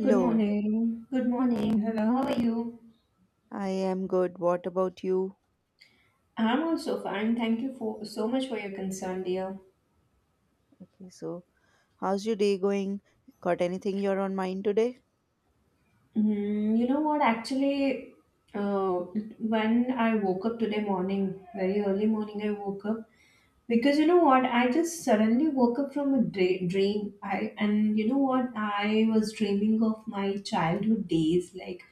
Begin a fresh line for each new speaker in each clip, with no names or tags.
Good morning. Good morning. Hello, how are you?
I am good. What about you?
I'm also fine. Thank you for so much for your concern, dear.
Okay, so how's your day going? Got anything you're on mind today?
Mm, you know what? Actually, uh, when I woke up today morning, very early morning, I woke up because you know what? I just suddenly woke up from a dream. I and you know what? I was dreaming of my childhood days, like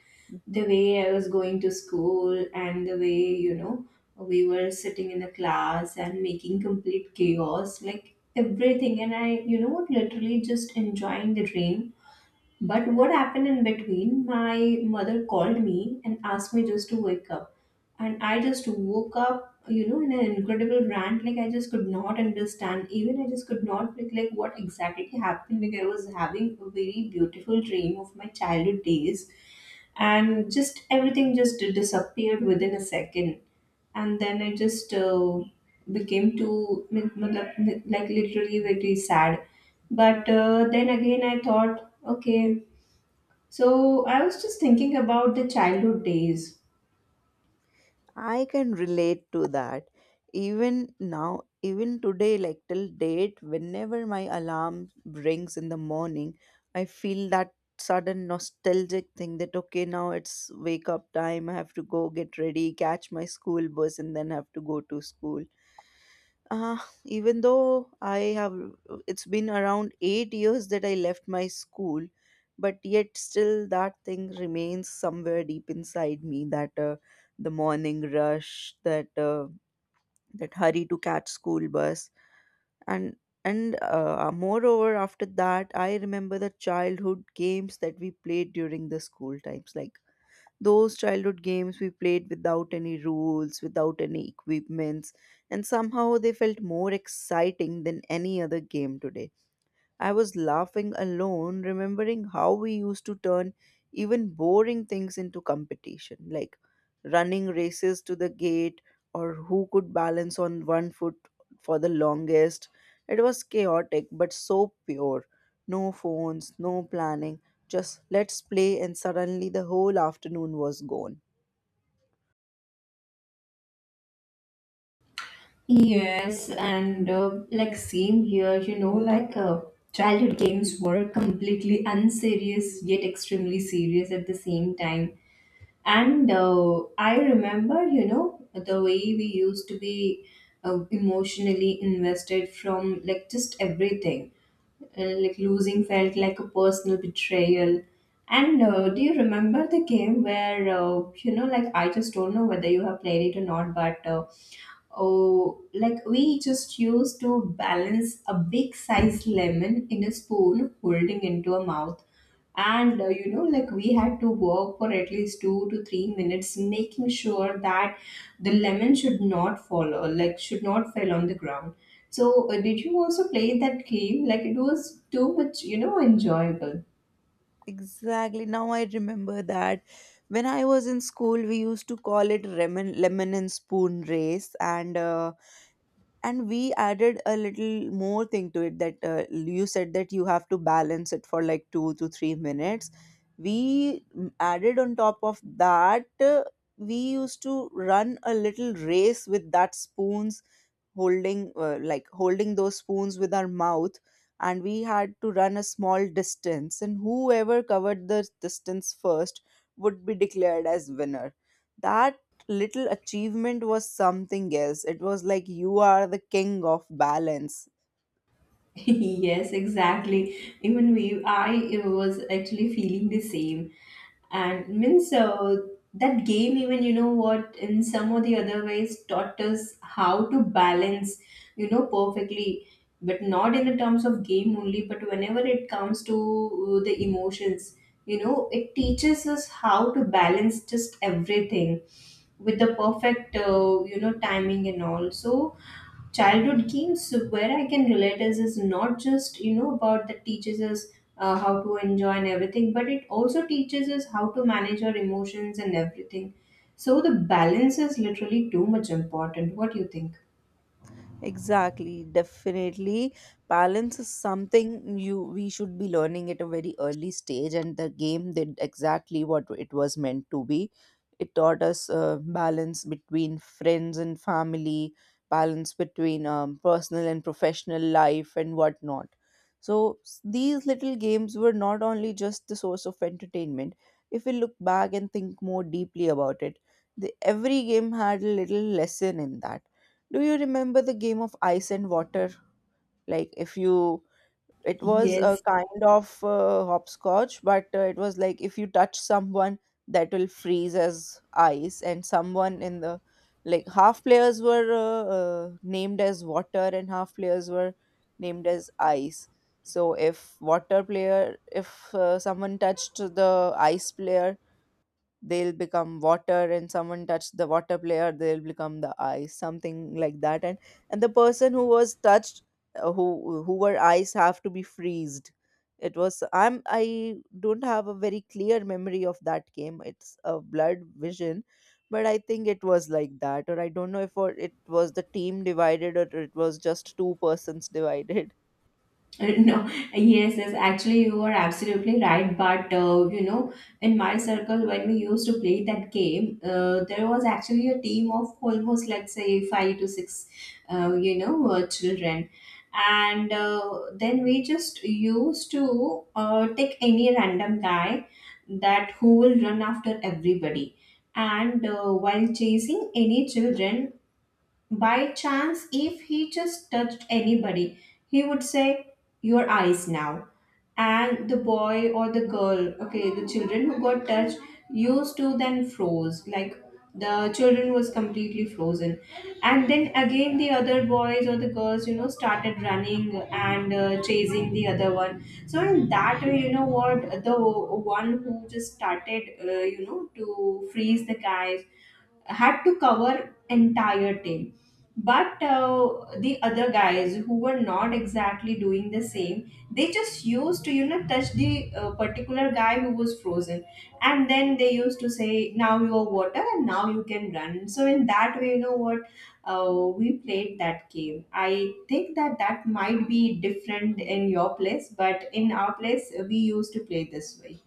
the
Hmm.
way I was going to school and the way, you know, we were sitting in the class and making complete chaos, like everything. And I, you know what, literally just enjoying the rain. But what happened in between, my mother called me and asked me just to wake up. And I just woke up, you know, in an incredible rant. Like I just could not understand. Even I just could not pick like what exactly happened. Like I was having a very beautiful dream of my childhood days, and just everything just disappeared within a second. And then I just became too matlab, like literally very sad. But then again I thought okay, so I was just thinking about the childhood days.
I can relate to that. Even now, even today, like till date, whenever my alarm rings in the morning, I feel that sudden nostalgic thing that okay, now it's wake up time. I have to go get ready, catch my school bus, and then have to go to school. uh, Even though it's been around 8 years that I left my school, but yet still that thing remains somewhere deep inside me. That, the morning rush, that, that hurry to catch school bus, and moreover after that, I remember the childhood games that we played during the school times, like those childhood games we played without any rules, without any equipments, and somehow they felt more exciting than any other game today. I was laughing alone, remembering how we used to turn even boring things into competition, like running races to the gate or who could balance on one foot for the longest. It was chaotic but so pure. No phones, no planning, just let's play, and suddenly the whole afternoon was gone.
Yes, and like same here you know like childhood games were completely unserious yet extremely serious at the same time. And I remember, you know, the way we used to be emotionally invested from like just everything. Like losing felt like a personal betrayal. And do you remember the game where, you know, like I just don't know whether you have played it or not, but oh, like we just used to balance a big size lemon in a spoon, holding into a mouth. And you know, like we had to work for at least 2 to 3 minutes, making sure that the lemon should not fall or like should not fall on the ground. So, did you also play that game? Like it was too much, you know, enjoyable.
Exactly. Now I remember that when I was in school, we used to call it lemon and spoon race, and and we added a little more thing to it that you said that you have to balance it for like 2 to 3 minutes. We added on top of that. We used to run a little race with that spoons, holding those spoons with our mouth, and we had to run a small distance, and whoever covered the distance first would be declared as winner. That little achievement was something else. It was like you are the king of balance.
Yes, exactly. Even we, I was actually feeling the same. And means so that game, even you know what, in some or the other ways, taught us how to balance, you know, perfectly. But not in the terms of game only, but whenever it comes to the emotions, you know, it teaches us how to balance just everything with the perfect, you know, timing and all. So childhood games where I can relate is not just you know about that teaches us how to enjoy and everything, but it also teaches us how to manage our emotions and everything. So the balance is literally too much important. What do you think?
Exactly, definitely. Balance is something you we should be learning at a very early stage, and the game did exactly what it was meant to be. It taught us, balance between friends and family, balance between, personal and professional life, and whatnot. So these little games were not only just the source of entertainment. If we look back and think more deeply about it, every game had a little lesson in that. Do you remember the game of ice and water? Like, if you, it was a
Yes.
kind of hopscotch, but, it was like if you touch someone, that will freeze as ice. And someone in the, like, half players were named as water and half players were named as ice. So if water player, if someone touched the ice player, they'll become water, and someone touched the water player, they'll become the ice, something like that. And the person who was touched, who were ice, have to be freezed. It was, I don't have a very clear memory of that game. It's a blurred vision, but I think it was like that. Or I don't know if, or it was the team divided, or it was just two persons divided.
No, yes, yes. Actually, you are absolutely right. But you know, in my circle, when we used to play that game, there was actually a team of almost, let's say, 5 to 6, you know, children, and then we just used to take any random guy that who will run after everybody, and while chasing any children, by chance, if he just touched anybody, he would say, your eyes now. And the boy or the girl, okay, the children who got touched used to then froze. Like the children was completely frozen. And then again, the other boys or the girls, you know, started running and chasing the other one. So, in that way, you know what, the one who just started, you know, to freeze the guy had to cover entire team. But the other guys who were not exactly doing the same, they just used to you know touch the particular guy who was frozen, and then they used to say now you are water and now you can run. So in that way, you know what, we played that game. I think that that might be different
Mm.
in your place, but in our place we used to play this way.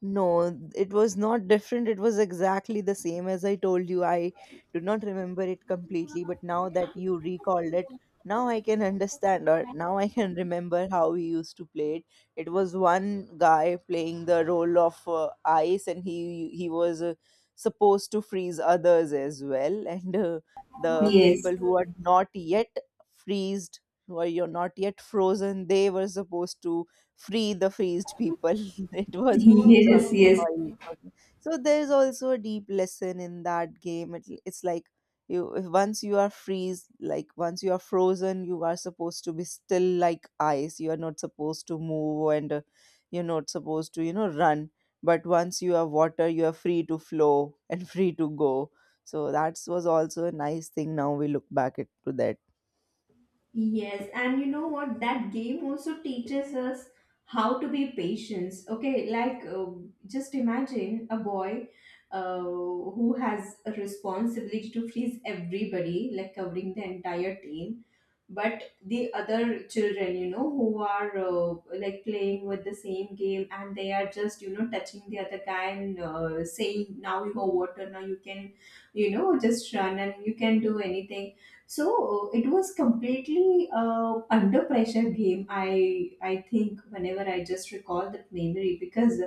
No, it was not different. It was exactly the same as I told you. I do not remember it completely, but now that you recalled it, now I can understand, or now I can remember how we used to play it. It was one guy playing the role of ice, and he was supposed to freeze others as well. And the
Yes.
people who are not yet freezed, who are you're not yet frozen, they were supposed to free the freezed people. It was
Yes,
something.
yes.
So there's also a deep lesson in that game. It's like, you if once you are freeze, like once you are frozen, you are supposed to be still like ice. You are not supposed to move, and, you're not supposed to, run. But once you are water, you are free to flow and free to go. So that was also a nice thing now we look back it to that.
Yes, and you know what? That game also teaches us how to be patient. Okay, like just imagine a boy who has a responsibility to freeze everybody, like covering the entire team, but the other children you know who are like playing with the same game and they are just you know touching the other guy and saying now you are water now you can you know just run and you can do anything. So it was completely under pressure game, I think whenever I just recall that memory, because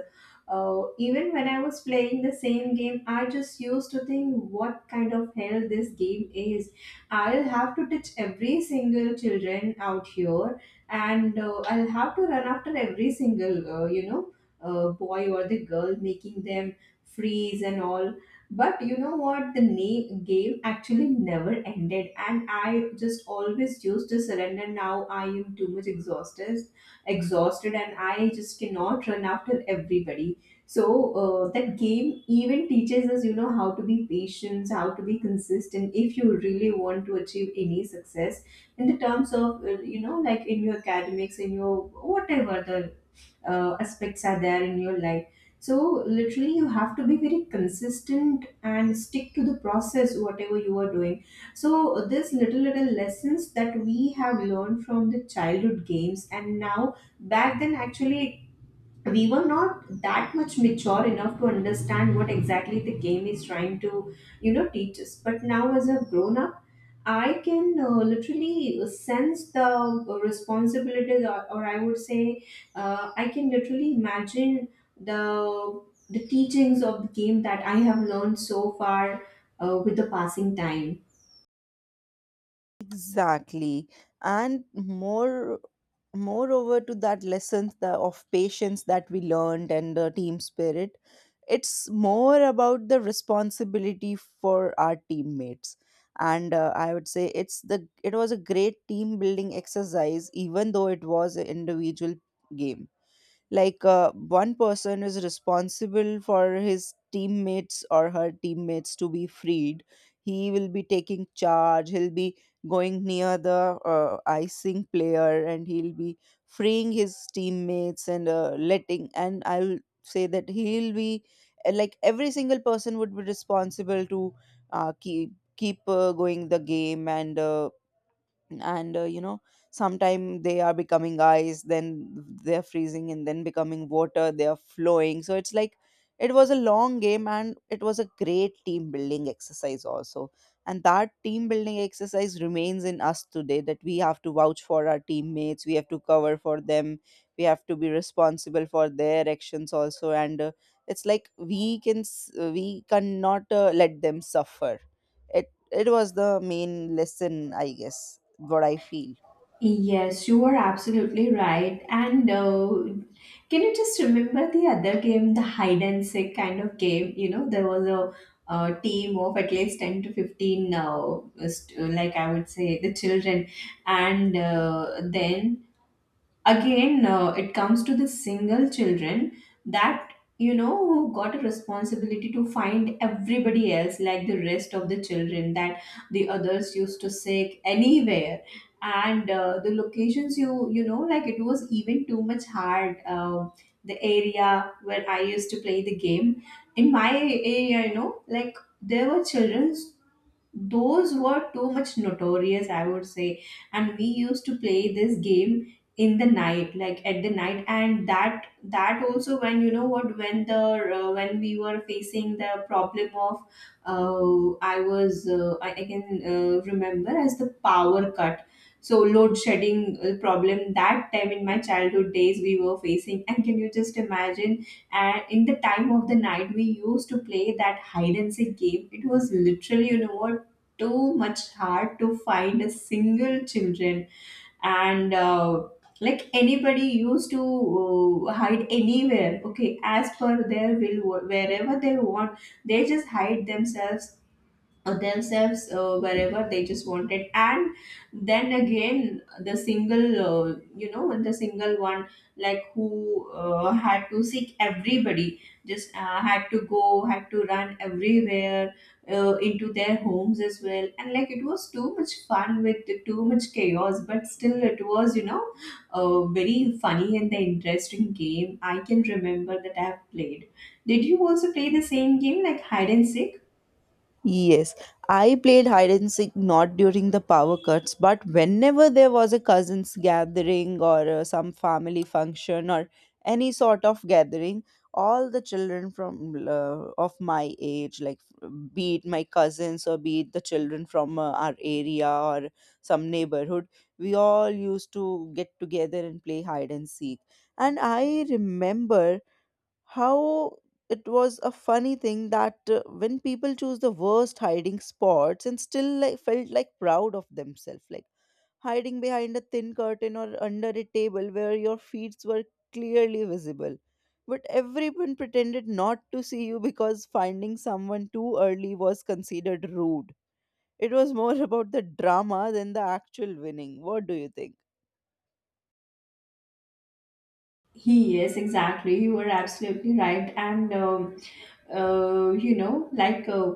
even when I was playing the same game, I just used to think what kind of hell this game is. I'll have to teach every single children out here, and I'll have to run after every single boy or the girl, making them freeze and all. But you know what? The game actually never ended, and I just always used to surrender. Now I am too much exhausted, exhausted, and I just cannot run after everybody. So that game even teaches us, you know, how to be patient, how to be consistent if you really want to achieve any success in the terms of, you know, like in your academics, in your whatever the aspects are there in your life. So literally, you have to be very consistent and stick to the process, whatever you are doing. So this little little lessons that we have learned from the childhood games, and now back then actually we were not that much mature enough to understand what exactly the game is trying to you know teach us. But now as I've grown up, I can literally sense the responsibilities, or I would say I can literally imagine the the teachings of the game that I have learned so far with the passing time.
Exactly. And moreover to that lessons, of patience that we learned, and the team spirit, it's more about the responsibility for our teammates. And, I would say it was a great team building exercise, even though it was an individual game, like, one person is responsible for his teammates or her teammates to be freed. He will be taking charge, he'll be going near the icing player, and he'll be freeing his teammates, and, letting, and I'll say that he'll be, like, every single person would be responsible to, keep going the game, and, and uh, you know sometime they are becoming ice, then they're freezing, and then becoming water, they are flowing. So it's like it was a long game, and it was a great team building exercise also. And that team building exercise remains in us today, that we have to vouch for our teammates, we have to cover for them, we have to be responsible for their actions also. And, it's like, we cannot, let them suffer. It was the main lesson, I guess, what I feel.
Yes, you are absolutely right. And can you just remember the other game, the hide and seek kind of game? You know, there was a, team of at least 10 to 15, like I would say, the children. And then again it comes to the single children, that you know who got a responsibility to find everybody else, like the rest of the children, that the others used to seek anywhere. And the locations, you know, like it was even too much hard. The area where I used to play the game, in my area, you know, like there were children, those were too much notorious, I would say. And we used to play this game in the night, like at the night, and that also when you know what, when the when we were facing the problem of I can remember as the power cut. So load shedding problem that time in my childhood days we were facing, and can you just imagine, and in the time of the night we used to play that hide and seek game, it was literally you know what too much hard to find a single children. And like anybody used to hide anywhere okay as per their will, wherever they want they just hide themselves, wherever they just wanted. And then again the single you know the single one like who had to seek everybody just had to go had to run everywhere into their homes as well. And like it was too much fun with too much chaos, but still it was you know a very funny and the interesting game I can remember that I have played. Did you also play the same game like hide and seek?
Yes, I played hide and seek not during the power cuts, but whenever there was a cousins gathering or, some family function or any sort of gathering, all the children from of my age, like, be it my cousins or be it the children from, our area or some neighborhood, we all used to get together and play hide and seek. And I remember how it was a funny thing that, when people choose the worst hiding spots and still, like, felt like proud of themselves, like hiding behind a thin curtain or under a table where your feet were clearly visible, but everyone pretended not to see you because finding someone too early was considered rude. It was more about the drama than the actual winning. What do you think?
He, yes, exactly. You were absolutely right. And, you know, like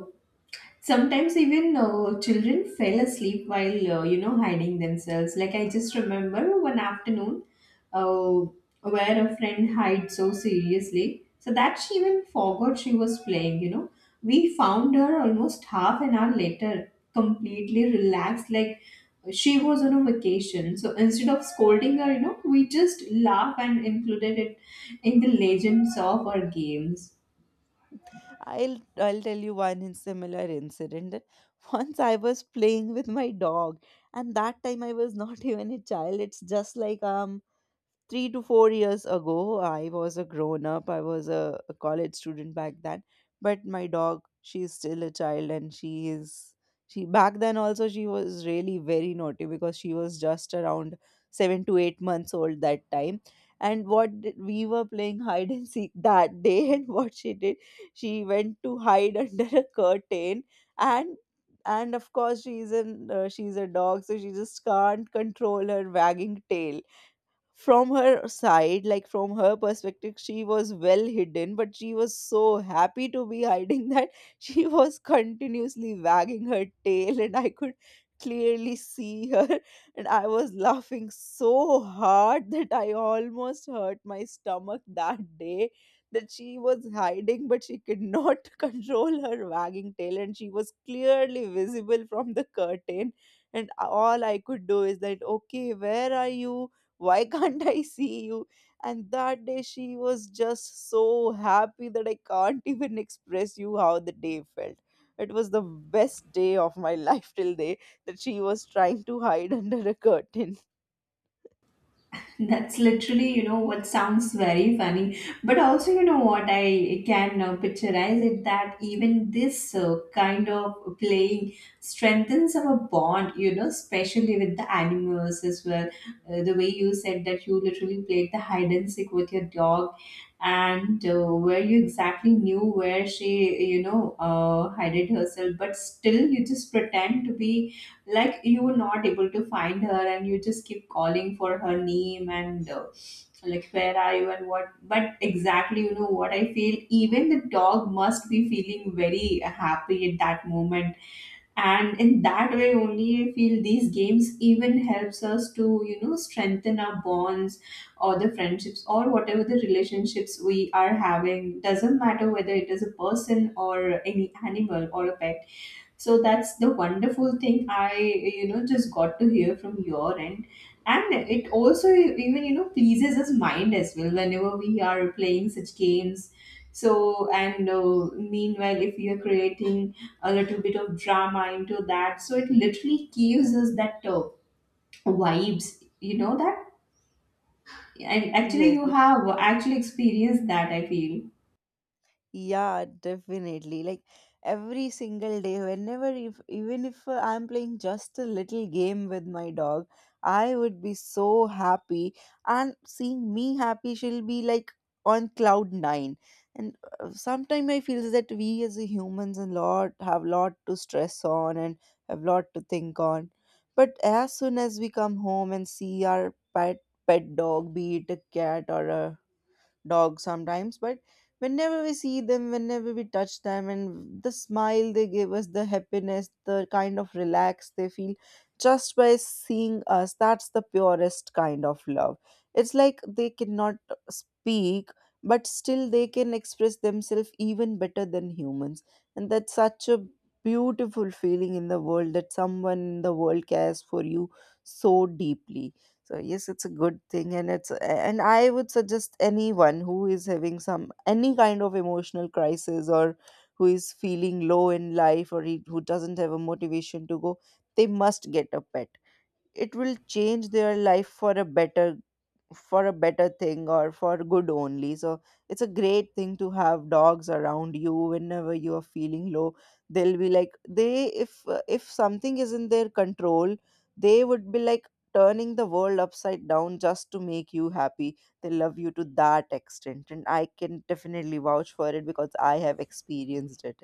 sometimes even children fell asleep while, you know, hiding themselves. Like I just remember one afternoon uh, where a friend hid so seriously so that she even forgot she was playing, you know. We found her almost half an hour later, completely relaxed, like she was on a vacation. So instead of scolding her, you know, we just laugh and included it in the legends of our games.
I'll tell you one similar incident that once I was playing with my dog, and that time I was not even a child. It's just like 3 to 4 years ago, I was a grown up, I was a college student back then. But my dog, she's still a child, and she back then also, she was really very naughty because she was just around 7 to 8 months old that time. And what did, we were playing hide and seek that day, and what she did, she went to hide under a curtain, and of course she's a dog, so she just can't control her wagging tail. From her side, like, from her perspective, she was well hidden, but she was so happy to be hiding that she was continuously wagging her tail, and I could clearly see her. And I was laughing so hard that I almost hurt my stomach that day, that she was hiding but she could not control her wagging tail, and she was clearly visible from the curtain. And all I could do is that, okay, where are you, why can't I see you? And that day she was just so happy that I can't even express you how the day felt. It was the best day of my life till day, that she was trying to hide under a curtain.
That's literally, you know, what sounds very funny. But also, you know, what I can picturize it, that even this kind of playing strengthens our bond, you know, especially with the animals as well. The way you said that you literally played the hide and seek with your dog, and where you exactly knew where she, hid herself, but still you just pretend to be like you were not able to find her, and you just keep calling for her name. And like, where are you and what. But exactly, you know what I feel, even the dog must be feeling very happy at that moment. And in that way only, I feel these games even helps us to, you know, strengthen our bonds or the friendships or whatever the relationships we are having. Doesn't matter whether it is a person or any animal or a pet. So that's the wonderful thing I, you know, just got to hear from your end. And it also even, you know, pleases his mind as well whenever we are playing such games. So, and meanwhile, if we are creating a little bit of drama into that, so it literally gives us that vibes, you know, that. And actually,
Yes,
you have actually experienced that, I feel.
yeah, definitely. Like every single day, whenever if even if, I'm playing just a little game with my dog, I would be so happy. And seeing me happy, she'll be like on cloud nine. And, sometime I feel that we as a humans a lot have lot to stress on and have lot to think on. But as soon as we come home and see our pet dog, be it a cat or a dogs sometimes, but whenever we see them, whenever we touch them, and the smile they give us, the happiness, the kind of relax they feel just by seeing us, that's the purest kind of love. It's like they cannot speak, but still they can express themselves even better than humans. And that's such a beautiful feeling in the world, that someone in the world cares for you so deeply. So yes, it's a good thing, and I would suggest anyone who is having some any kind of emotional crisis or who is feeling low in life, or who doesn't have a motivation to go, they must get a pet. It will change their life for a better thing, or for good only. So it's a great thing to have dogs around you whenever you are feeling low. They'll be like they if something is in their control, they would be like turning the world upside down just to make you happy. They love you to that extent, and I can definitely vouch for it because I have experienced it.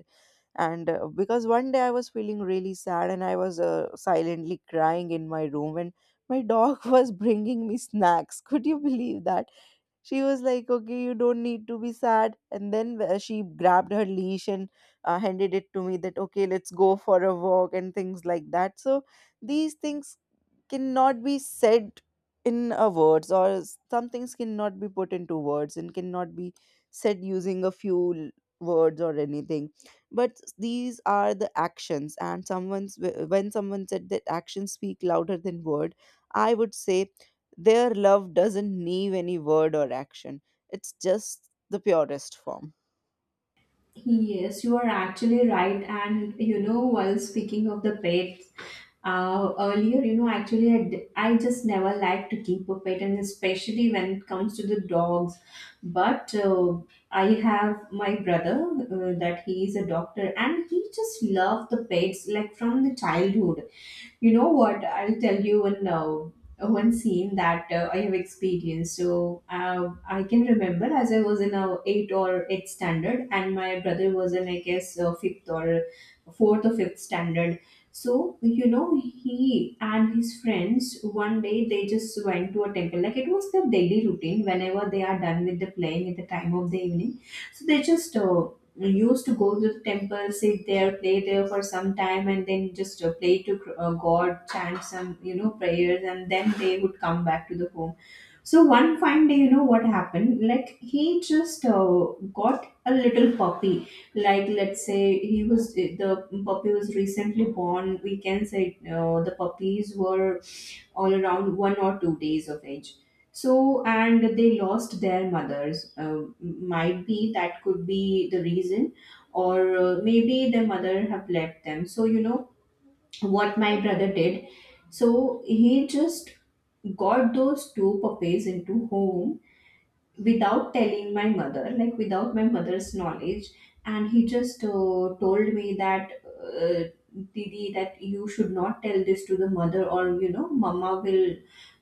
And because one day I was feeling really sad and I was silently crying in my room, and my dog was bringing me snacks. Could you believe that? She was like, okay, you don't need to be sad, and then she grabbed her leash and handed it to me that okay, let's go for a walk and things like that. So these things cannot be said in a words, or some things cannot be put into words and cannot be said using a few words or anything. But these are the actions, and when someone said that actions speak louder than word, I would say their love doesn't need any word or action. It's just the purest form.
Yes, you are actually right. And you know, while speaking of the pets, earlier, you know, actually, I just never like to keep a pet, and especially when it comes to the dogs. But I have my brother, that he is a doctor, and he just loved the pets like from the childhood. You know what? I'll tell you one scene that I have experienced. So I can remember, as I was in a eight or eight standard, and my brother was in, I guess, fifth or fourth or fifth standard. So you know, he and his friends one day they just went to a temple, like it was their daily routine. Whenever they are done with the playing at the time of the evening, so they just used to go to the temple, sit there, play there for some time, and then just pray to God, chant some, you know, prayers, and then they would come back to the home. So one fine day, you know what happened? Like, he just got a little puppy. Like, let's say he was the puppy was recently born. We can say, the puppies were all around 1 or 2 days of age. So, and they lost their mothers. Might be that could be the reason, or maybe their mother have left them. So, you know what my brother did. So he just got those two puppies into home without telling my mother, like without my mother's knowledge, and he just told me that, Didi, that you should not tell this to the mother, or you know, Mama will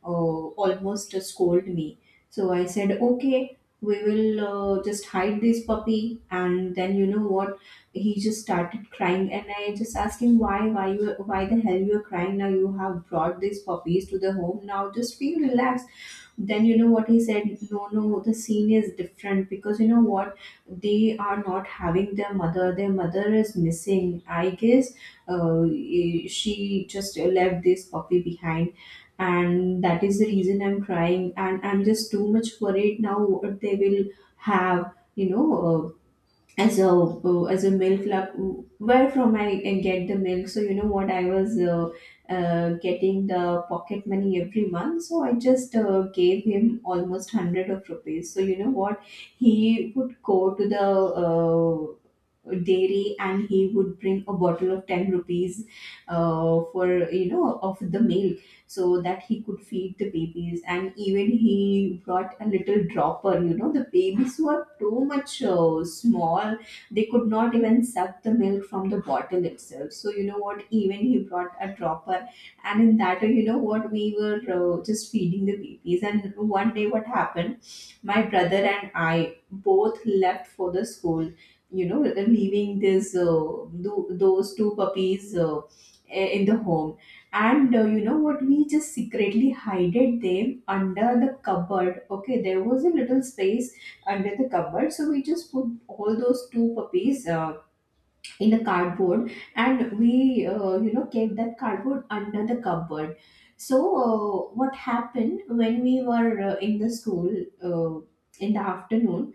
almost scold me. So I said, okay, we will just hide this puppy, and then you know what? He just started crying, and I just asked him why, why the hell you are crying now? You have brought these puppies to the home now. Just feel relaxed. Then you know what he said? No, no, the scene is different, because you know what, they are not having their mother. Their mother is missing, I guess. She just left this puppy behind, and that is the reason I'm crying, and I'm just too much worried now what they will have, you know. As a milk lab, where from I get the milk. So you know what, I was getting the pocket money every month, so I just gave him almost 100 of rupees. So you know what, he would go to the uh, dairy, and he would bring a bottle of 10 rupees for, you know, of the milk, so that he could feed the babies. And even he brought a little dropper. You know, the babies were too much small, they could not even suck the milk from the bottle itself. So you know what, even he brought a dropper. And in that way, you know what, we were just feeding the babies. And one day, what happened, my brother and I both left for the school, you know, leaving this, those two puppies in the home. And you know what, we just secretly hided them under the cupboard. Okay, there was a little space under the cupboard, so we just put all those two puppies in a cardboard, and we you know, kept that cardboard under the cupboard. So what happened, when we were in the school, in the afternoon,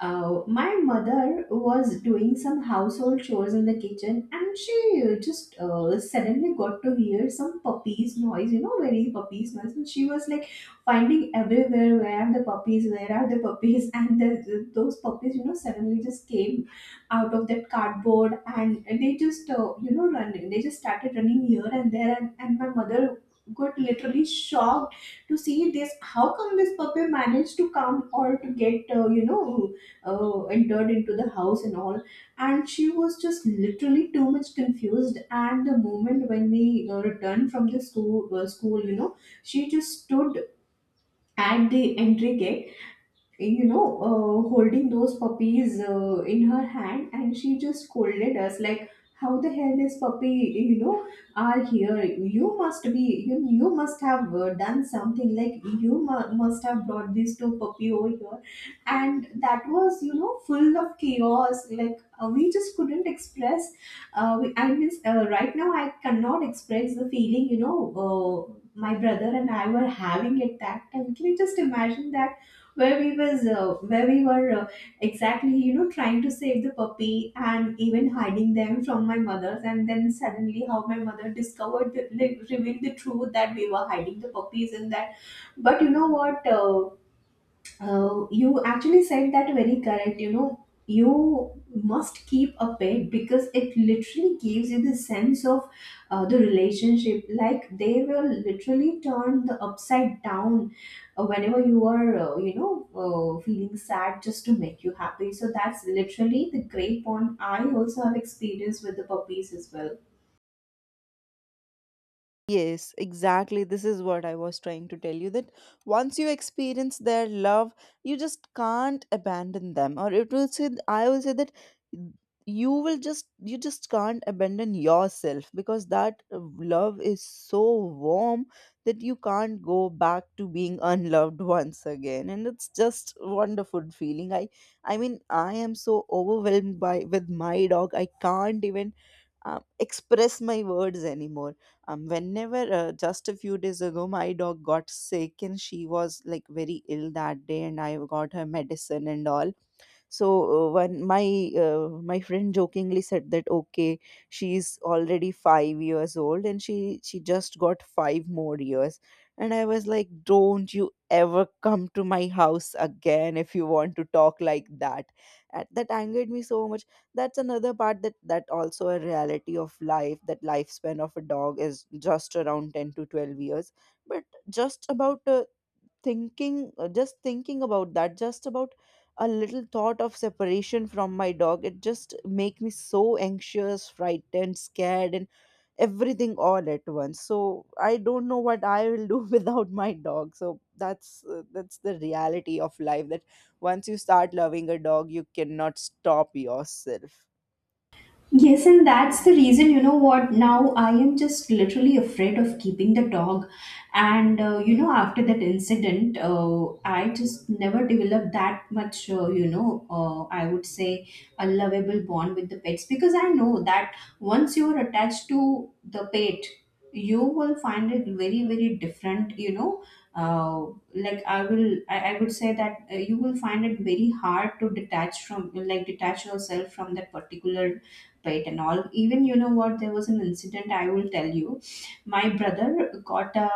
my mother was doing some household chores in the kitchen, and she just suddenly got to hear some puppies noise, you know, very puppies noise. And she was like finding everywhere, where are the puppies, where are the puppies, and those puppies, you know, suddenly just came out of that cardboard, and they just you know, running, they just started running here and there. And, my mother got literally shocked to see this, how come this puppy managed to come or to get, entered into the house and all. And she was just literally too much confused. And the moment when we returned from the school, you know, she just stood at the entry gate, you know, holding those puppies in her hand, and she just scolded us like, "How the hell this puppy, you know, are here? You must be, you must have done something. Like you must have brought these two puppy over here." And that was, you know, full of chaos. Like we just couldn't express. I mean, right now I cannot express the feeling, you know, my brother and I were having at that time. Can you just imagine that, where we were, exactly, you know, trying to save the puppy and even hiding them from my mother's, and then suddenly how my mother discovered the, like, revealed the truth that we were hiding the puppies and that. But you know what, you actually said that very correct. You know, you must keep a pet, because it literally gives you the sense of the relationship. Like, they will literally turn the upside down whenever you are, feeling sad, just to make you happy. So that's literally the great bond I also have experienced with the puppies as well.
Yes, exactly. This is what I was trying to tell you, that once you experience their love, you just can't abandon them. Or it will say, I will say that you just can't abandon yourself, because that love is so warm that you can't go back to being unloved once again. And it's just wonderful feeling. I mean, I am so overwhelmed by with my dog. I can't even express my words anymore. Whenever just a few days ago my dog got sick and she was like very ill that day, and I got her medicine and all. So when my friend jokingly said that, okay, she's already 5 years old and she just got 5 more years. And I was like, don't you ever come to my house again if you want to talk like that. And that angered me so much. That's another part, that also a reality of life, that lifespan of a dog is just around 10 to 12 years. But just thinking about that, just about a little thought of separation from my dog, it just make me so anxious, frightened, scared, and everything all at once. So I don't know what I will do without my dog. So that's the reality of life, that once you start loving a dog, you cannot stop yourself.
Yes, and that's the reason, you know what, now I am just literally afraid of keeping the dog. And, you know, after that incident, I just never developed that much, I would say a lovable bond with the pets, because I know that once you are attached to the pet, you will find it very, very different, you know. Uh, I would say that you will find it very hard to detach from, like, detach yourself from that particular right and all. Even, you know what, there was an incident, I will tell you. My brother got a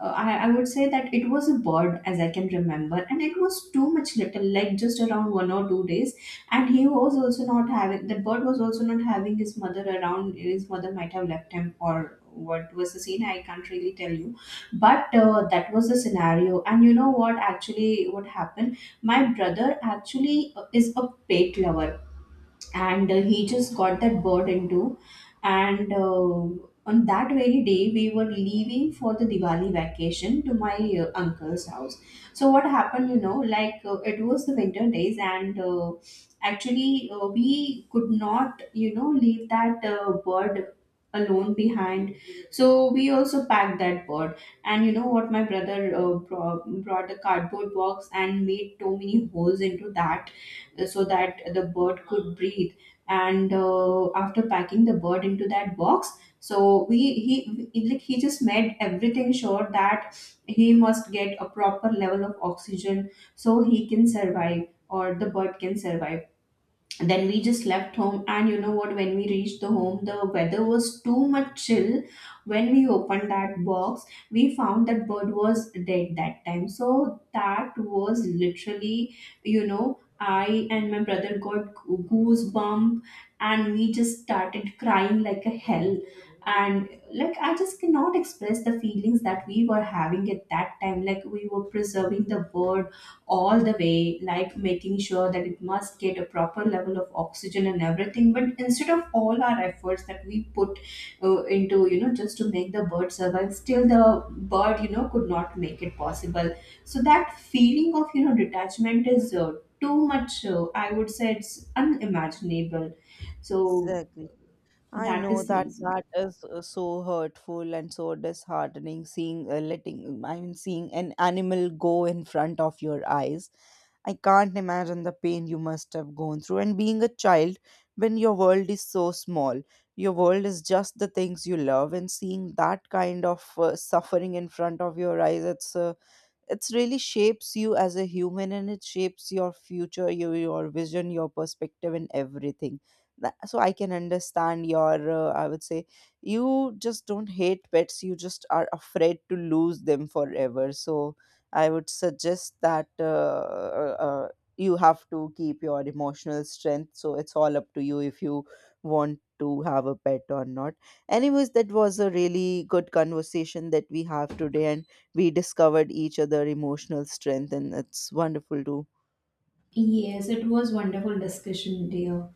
I would say that it was a bird, as I can remember, and it was too much little, like just around 1 or 2 days. And he was also not having, the bird was also not having his mother around. His mother might have left him, or what was the scene, I can't really tell you. But that was the scenario. And you know what actually what happened, my brother actually is a pet lover, and he just got that bird into. And on that very day, we were leaving for the Diwali vacation to my uncle's house. So what happened, you know, like, it was the winter days, and actually we could not, you know, leave that bird alone behind. So we also packed that bird. And you know what, my brother brought a cardboard box and made too many holes into that, so that the bird could breathe. And after packing the bird into that box, so like he just made everything sure that he must get a proper level of oxygen so he can survive, or the bird can survive. Then we just left home. And you know what, when we reached the home, the weather was too much chill. When we opened that box, we found that bird was dead that time. So that was literally, you know, I and my brother got goosebump, and we just started crying like a hell. And like, I just cannot express the feelings that we were having at that time. Like, we were preserving the bird all the way, like making sure that it must get a proper level of oxygen and everything. But instead of all our efforts that we put into, you know, just to make the bird survive, still the bird, you know, could not make it possible. So that feeling of, you know, detachment is too much. I would say it's unimaginable. So
Exactly. I
that
know
is the
that
reason.
that is so hurtful and so disheartening, seeing letting I mean seeing an animal go in front of your eyes. I can't imagine the pain you must have gone through, and being a child when your world is so small. Your world is just the things you love, and seeing that kind of suffering in front of your eyes, it's really shapes you as a human, and it shapes your future, your vision, your perspective, and everything. So I can understand your I would say you just don't hate pets, you just are afraid to lose them forever. So I would suggest that uh, uh, you have to keep your emotional strength, so it's all up to you if you want to have a pet or not. Anyways, that was a really good conversation that we have today, and we discovered each other emotional strength, and it's wonderful to
Yes, it was wonderful discussion, dear.